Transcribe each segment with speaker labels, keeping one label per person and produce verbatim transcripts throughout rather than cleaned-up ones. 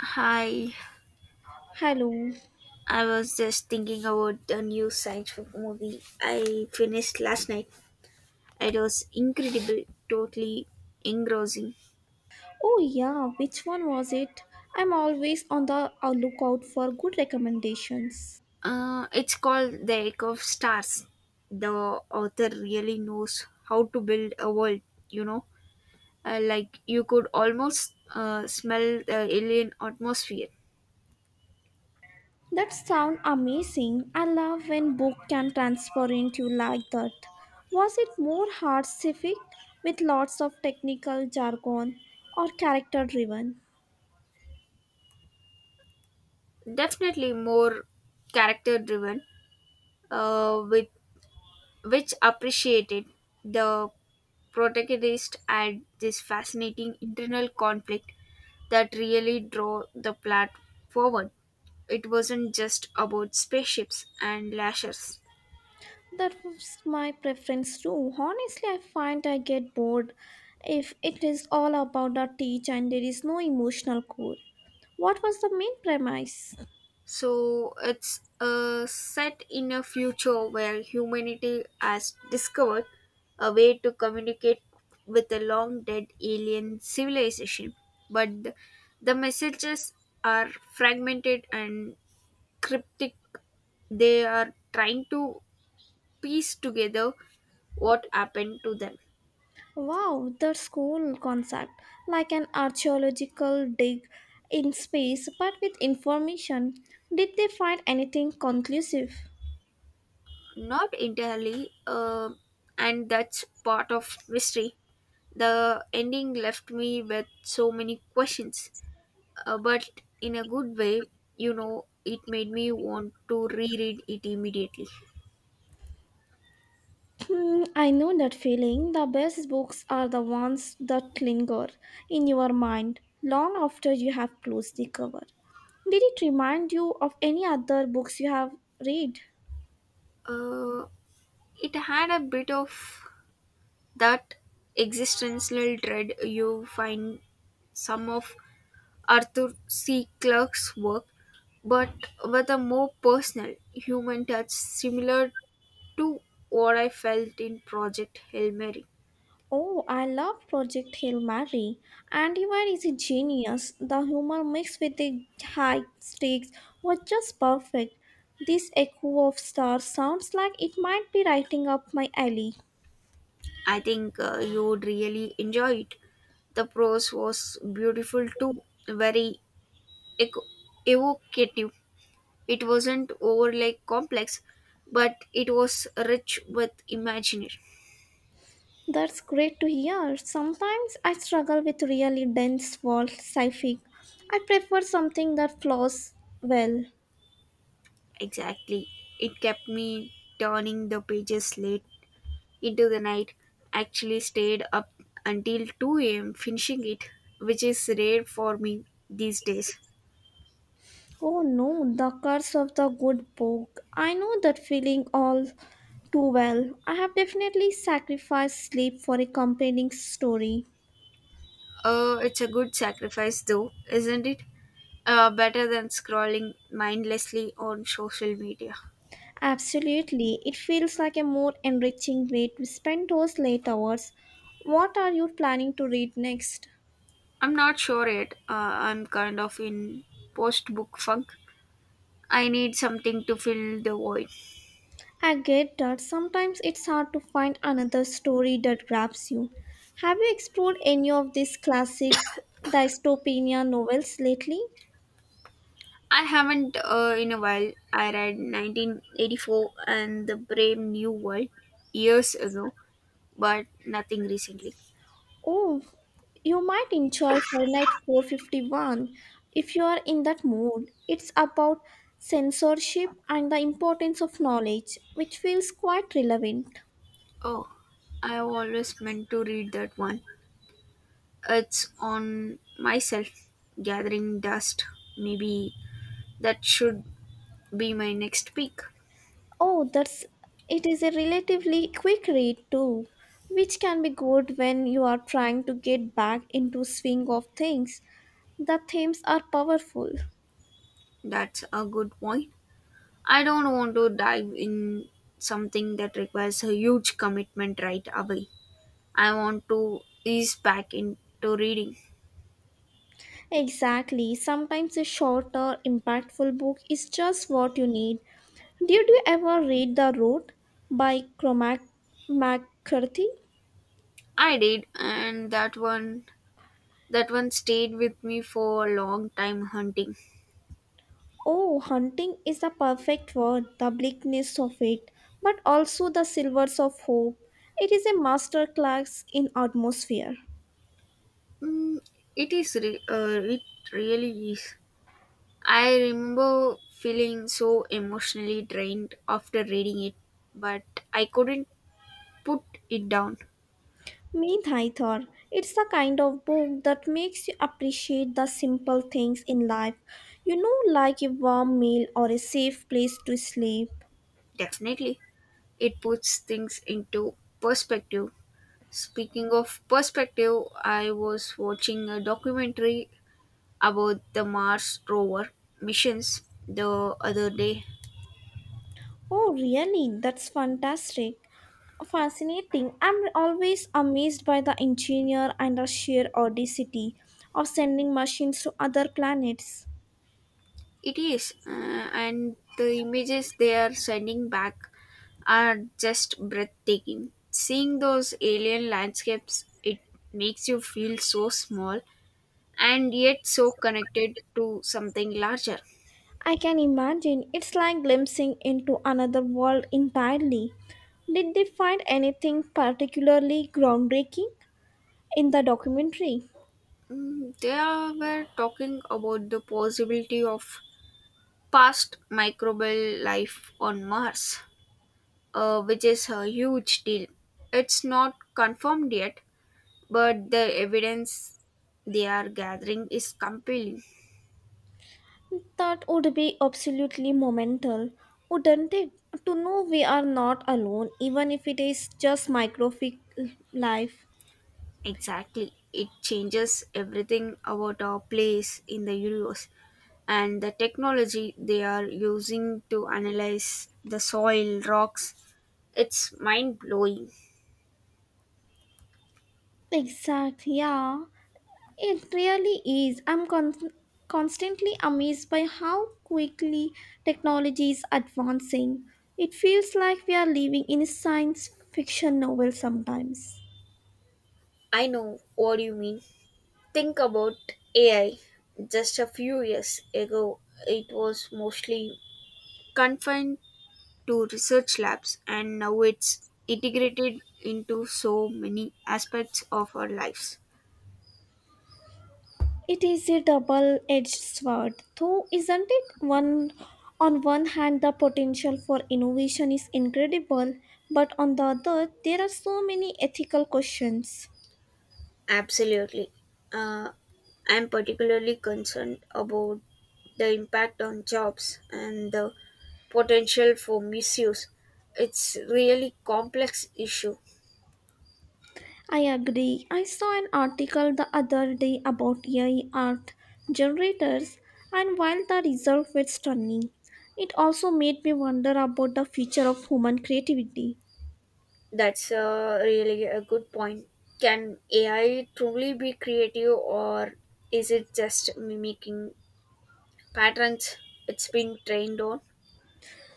Speaker 1: Hi,
Speaker 2: Hello.
Speaker 1: I was just thinking about the new science fiction movie I finished last night. It was incredible, totally engrossing.
Speaker 2: Oh, yeah, which one was it? I'm always on the uh, lookout for good recommendations.
Speaker 1: Uh, it's called The Echo of Stars. The author really knows how to build a world, you know, uh, like you could almost uh, smell the alien atmosphere.
Speaker 2: That sound amazing. I love when book can transfer into like that. Was it more hard civic with lots of technical jargon or character driven?
Speaker 1: Definitely more character driven, uh, with which appreciated the protagonists had this fascinating internal conflict that really drove the plot forward. It wasn't just about spaceships and lashers.
Speaker 2: That was my preference too. Honestly, I find I get bored if it is all about the teach and there is no emotional core. What was the main premise?
Speaker 1: So it's uh, set in a future where humanity has discovered a way to communicate with a long dead alien civilization, but the, the messages are fragmented and cryptic. They are trying to piece together what happened to them.
Speaker 2: Wow, that's cool concept. Like an archaeological dig in space, but with information. Did they find anything conclusive?
Speaker 1: Not entirely, uh, and that's part of mystery. The ending left me with so many questions, uh, but in a good way, you know, it made me want to reread it immediately.
Speaker 2: Hmm, I know that feeling. The best books are the ones that linger in your mind long after you have closed the cover. Did it remind you of any other books you have read?
Speaker 1: Uh, it had a bit of that existential dread you find some of Arthur C. Clarke's work, but with a more personal, human touch similar to what I felt in Project Hail Mary.
Speaker 2: Oh, I love Project Hail Mary. Andy-Wire is a genius. The humor mixed with the high stakes was just perfect. This Echo of Stars sounds like it might be writing up my alley.
Speaker 1: I think uh, you would really enjoy it. The prose was beautiful too, very eco- evocative. It wasn't overly complex, but it was rich with imagination.
Speaker 2: That's great to hear. Sometimes I struggle with really dense world sci-fi. I prefer something that flows well.
Speaker 1: Exactly. It kept me turning the pages late into the night. Actually stayed up until two a m finishing it, which is rare for me these days.
Speaker 2: Oh no, the curse of the good book. I know that feeling all too well. I have definitely sacrificed sleep for a compelling story.
Speaker 1: Uh, it's a good sacrifice though, isn't it? Uh, better than scrolling mindlessly on social media.
Speaker 2: Absolutely, it feels like a more enriching way to spend those late hours. What are you planning to read next?
Speaker 1: I'm not sure yet. Uh, I'm kind of in post book funk. I need something to fill the void.
Speaker 2: I get that sometimes it's hard to find another story that grabs you. Have you explored any of these classic dystopian novels lately?
Speaker 1: I haven't uh, in a while. I read nineteen eighty-four and The Brave New World years ago, but nothing recently.
Speaker 2: Oh, you might enjoy Fahrenheit four fifty-one if you are in that mood. It's about censorship and the importance of knowledge, which feels quite relevant.
Speaker 1: Oh, I always meant to read that one. It's on myself, gathering dust. Maybe that should be my next pick.
Speaker 2: Oh, that's, it is a relatively quick read too, which can be good when you are trying to get back into swing of things. The themes are powerful.
Speaker 1: That's a good point. I don't want to dive in something that requires a huge commitment right away. I want to ease back into reading.
Speaker 2: Exactly. Sometimes a shorter, impactful book is just what you need. Did you ever read The Road by Cormac McCarthy?
Speaker 1: I did, and that one that one stayed with me for a long time hunting.
Speaker 2: Oh, hunting is the perfect word, the bleakness of it, but also the silvers of hope. It is a masterclass in atmosphere.
Speaker 1: Mm, it is re- uh, it really is. I remember feeling so emotionally drained after reading it, but I couldn't put it down.
Speaker 2: Meet Haithor. It's the kind of book that makes you appreciate the simple things in life, you know, like a warm meal or a safe place to sleep.
Speaker 1: Definitely, it puts things into perspective. Speaking of perspective, I was watching a documentary about the Mars rover missions the other day.
Speaker 2: Oh, really? That's fantastic. Fascinating. I'm always amazed by the engineer and the sheer audacity of sending machines to other planets.
Speaker 1: It is, uh, and the images they are sending back are just breathtaking. Seeing those alien landscapes, it makes you feel so small and yet so connected to something larger.
Speaker 2: I can imagine it's like glimpsing into another world entirely. Did they find anything particularly groundbreaking in the documentary?
Speaker 1: Mm, They are- were talking about the possibility of past microbial life on Mars, uh, which is a huge deal. It's not confirmed yet, but the evidence they are gathering is compelling.
Speaker 2: That would be absolutely monumental, wouldn't it? To know we are not alone, even if it is just microfic life.
Speaker 1: Exactly. It changes everything about our place in the universe and the technology they are using to analyze the soil, rocks. It's mind blowing.
Speaker 2: Exactly, yeah. It really is. I'm con- constantly amazed by how quickly technology is advancing. It feels like we are living in a science fiction novel sometimes.
Speaker 1: I know what you mean. Think about A I. Just a few years ago, it was mostly confined to research labs, and now it's integrated into so many aspects of our lives.
Speaker 2: It is a double edged sword, though, isn't it? One On one hand, the potential for innovation is incredible, but on the other, there are so many ethical questions.
Speaker 1: Absolutely. Uh, I'm particularly concerned about the impact on jobs and the potential for misuse. It's really complex issue.
Speaker 2: I agree. I saw an article the other day about A I art generators, and while the result was stunning, it also made me wonder about the future of human creativity.
Speaker 1: That's uh, really a good point. Can A I truly be creative or is it just mimicking patterns it's been trained on?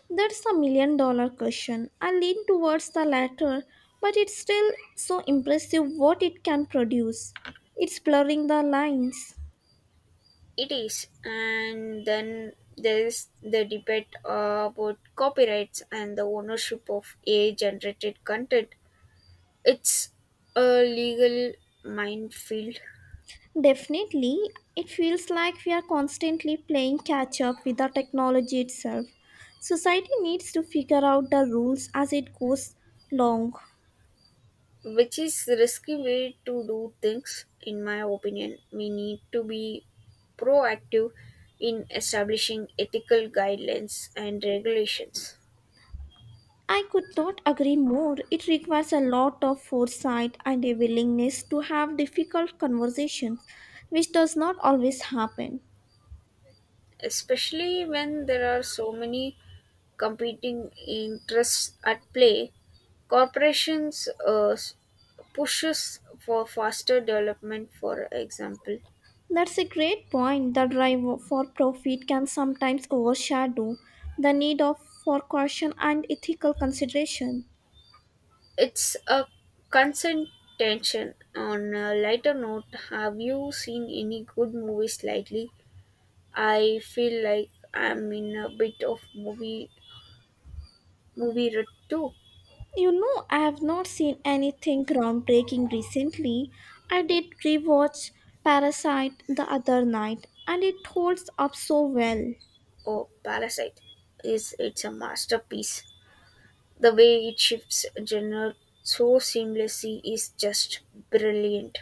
Speaker 2: That's a million dollar question. I lean towards the latter, but it's still so impressive what it can produce. It's blurring the lines.
Speaker 1: It is, and then there's the debate uh, about copyrights and the ownership of A I-generated content. It's a legal minefield,
Speaker 2: Definitely, it feels like we are constantly playing catch up with the technology itself. Society needs to figure out the rules as it goes along.
Speaker 1: which is a risky way to do things. In my opinion, we need to be proactive in establishing ethical guidelines and regulations,
Speaker 2: I could not agree more. It requires a lot of foresight and a willingness to have difficult conversations, which does not always happen.
Speaker 1: especially when there are so many competing interests at play, corporations uh, pushes for faster development. For example,
Speaker 2: That's a great point. The drive for profit can sometimes overshadow the need of for caution and ethical consideration.
Speaker 1: it's a constant tension. On a lighter note, have you seen any good movies lately? I feel like I'm in a bit of movie movie rut too.
Speaker 2: You know, I have not seen anything groundbreaking recently. I did rewatch Parasite the other night and it holds up so well.
Speaker 1: Or Parasite is it's a masterpiece. The way it shifts genre so seamlessly is just brilliant.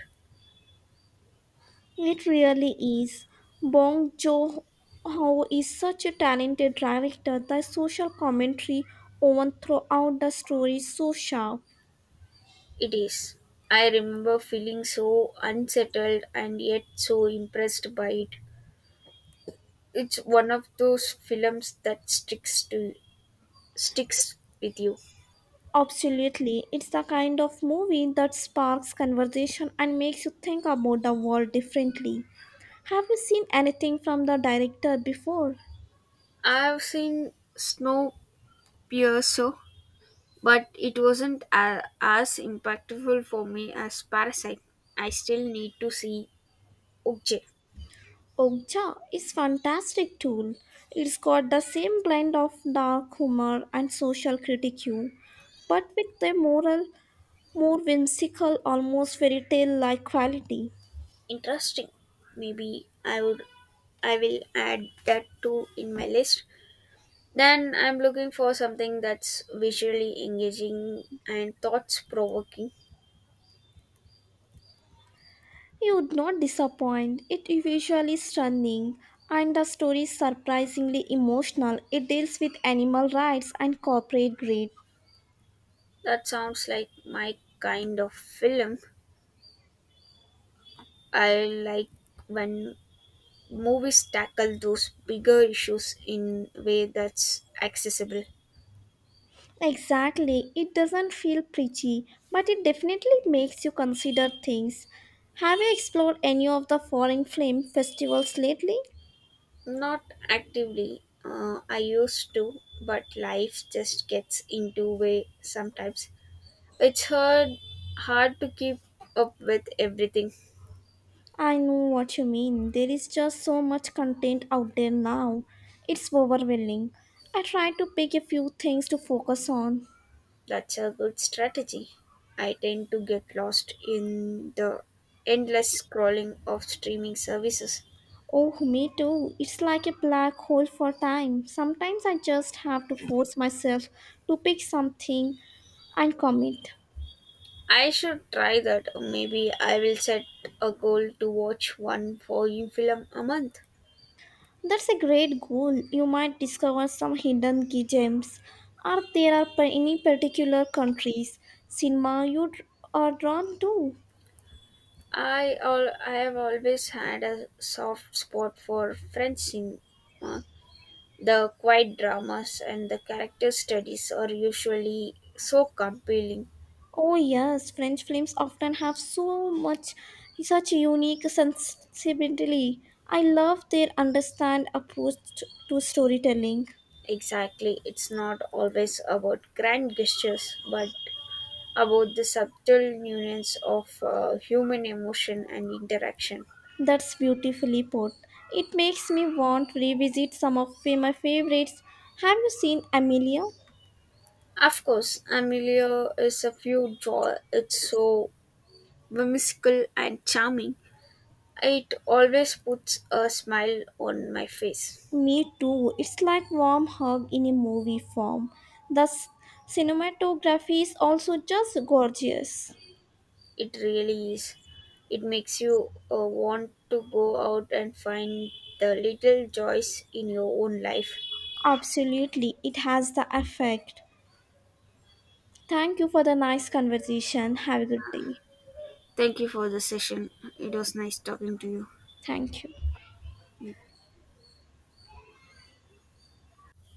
Speaker 2: It really is. Bong Joon-ho is such a talented director. The social commentary woven throughout the story is so sharp.
Speaker 1: It is. I remember feeling so unsettled and yet so impressed by it. It's one of those films that sticks to sticks with you.
Speaker 2: Absolutely, it's the kind of movie that sparks conversation and makes you think about the world differently. Have you seen anything from the director before?
Speaker 1: I've seen Snowpiercer, but it wasn't a- as impactful for me as Parasite. I still need to see Okja.
Speaker 2: Okja is fantastic tool. It's got the same blend of dark humor and social critique, but with a moral, more whimsical, almost fairy tale like quality.
Speaker 1: Interesting. Maybe I would I will add that too in my list. Then I'm looking for something that's visually engaging and thoughts provoking.
Speaker 2: You would not disappoint. It is visually stunning, and the story is surprisingly emotional. It deals with animal rights and corporate greed.
Speaker 1: That sounds like my kind of film. I like when movies tackle those bigger issues in a way that's accessible.
Speaker 2: Exactly. It doesn't feel preachy, but it definitely makes you consider things. Have you explored any of the foreign film festivals lately?
Speaker 1: Not actively. Uh, I used to, but life just gets into way sometimes. It's hard hard to keep up with everything.
Speaker 2: I know what you mean. There is just so much content out there now. It's overwhelming. I try to pick a few things to focus on.
Speaker 1: That's a good strategy. I tend to get lost in the endless scrolling of streaming services.
Speaker 2: Oh, me too. It's like a black hole for time. Sometimes I just have to force myself to pick something and commit.
Speaker 1: I should try that. Maybe I will set a goal to watch one foreign film a month.
Speaker 2: That's a great goal. You might discover some hidden key gems. Are there are pa- Any particular countries cinema you dr- are drawn to?
Speaker 1: I all I have always had a soft spot for French cinema. The quiet dramas and the character studies are usually so compelling.
Speaker 2: Oh yes, French films often have so much such unique sensibility. I love their understand approach to to storytelling.
Speaker 1: Exactly, it's not always about grand gestures, but about the subtle nuance of uh, human emotion and interaction.
Speaker 2: That's beautifully put. It makes me want to revisit some of my favorites. Have you seen Amelia?
Speaker 1: Of course, Amelia is a few draw. It's so whimsical and charming. It always puts a smile on my face.
Speaker 2: Me too. It's like warm hug in a movie form. The s- Cinematography is also just gorgeous.
Speaker 1: It really is. It makes you uh, want to go out and find the little joys in your own life.
Speaker 2: Absolutely, it has the effect. Thank you for the nice conversation. Have a good day.
Speaker 1: Thank you for the session. It was nice talking to
Speaker 2: Thank you.
Speaker 1: you.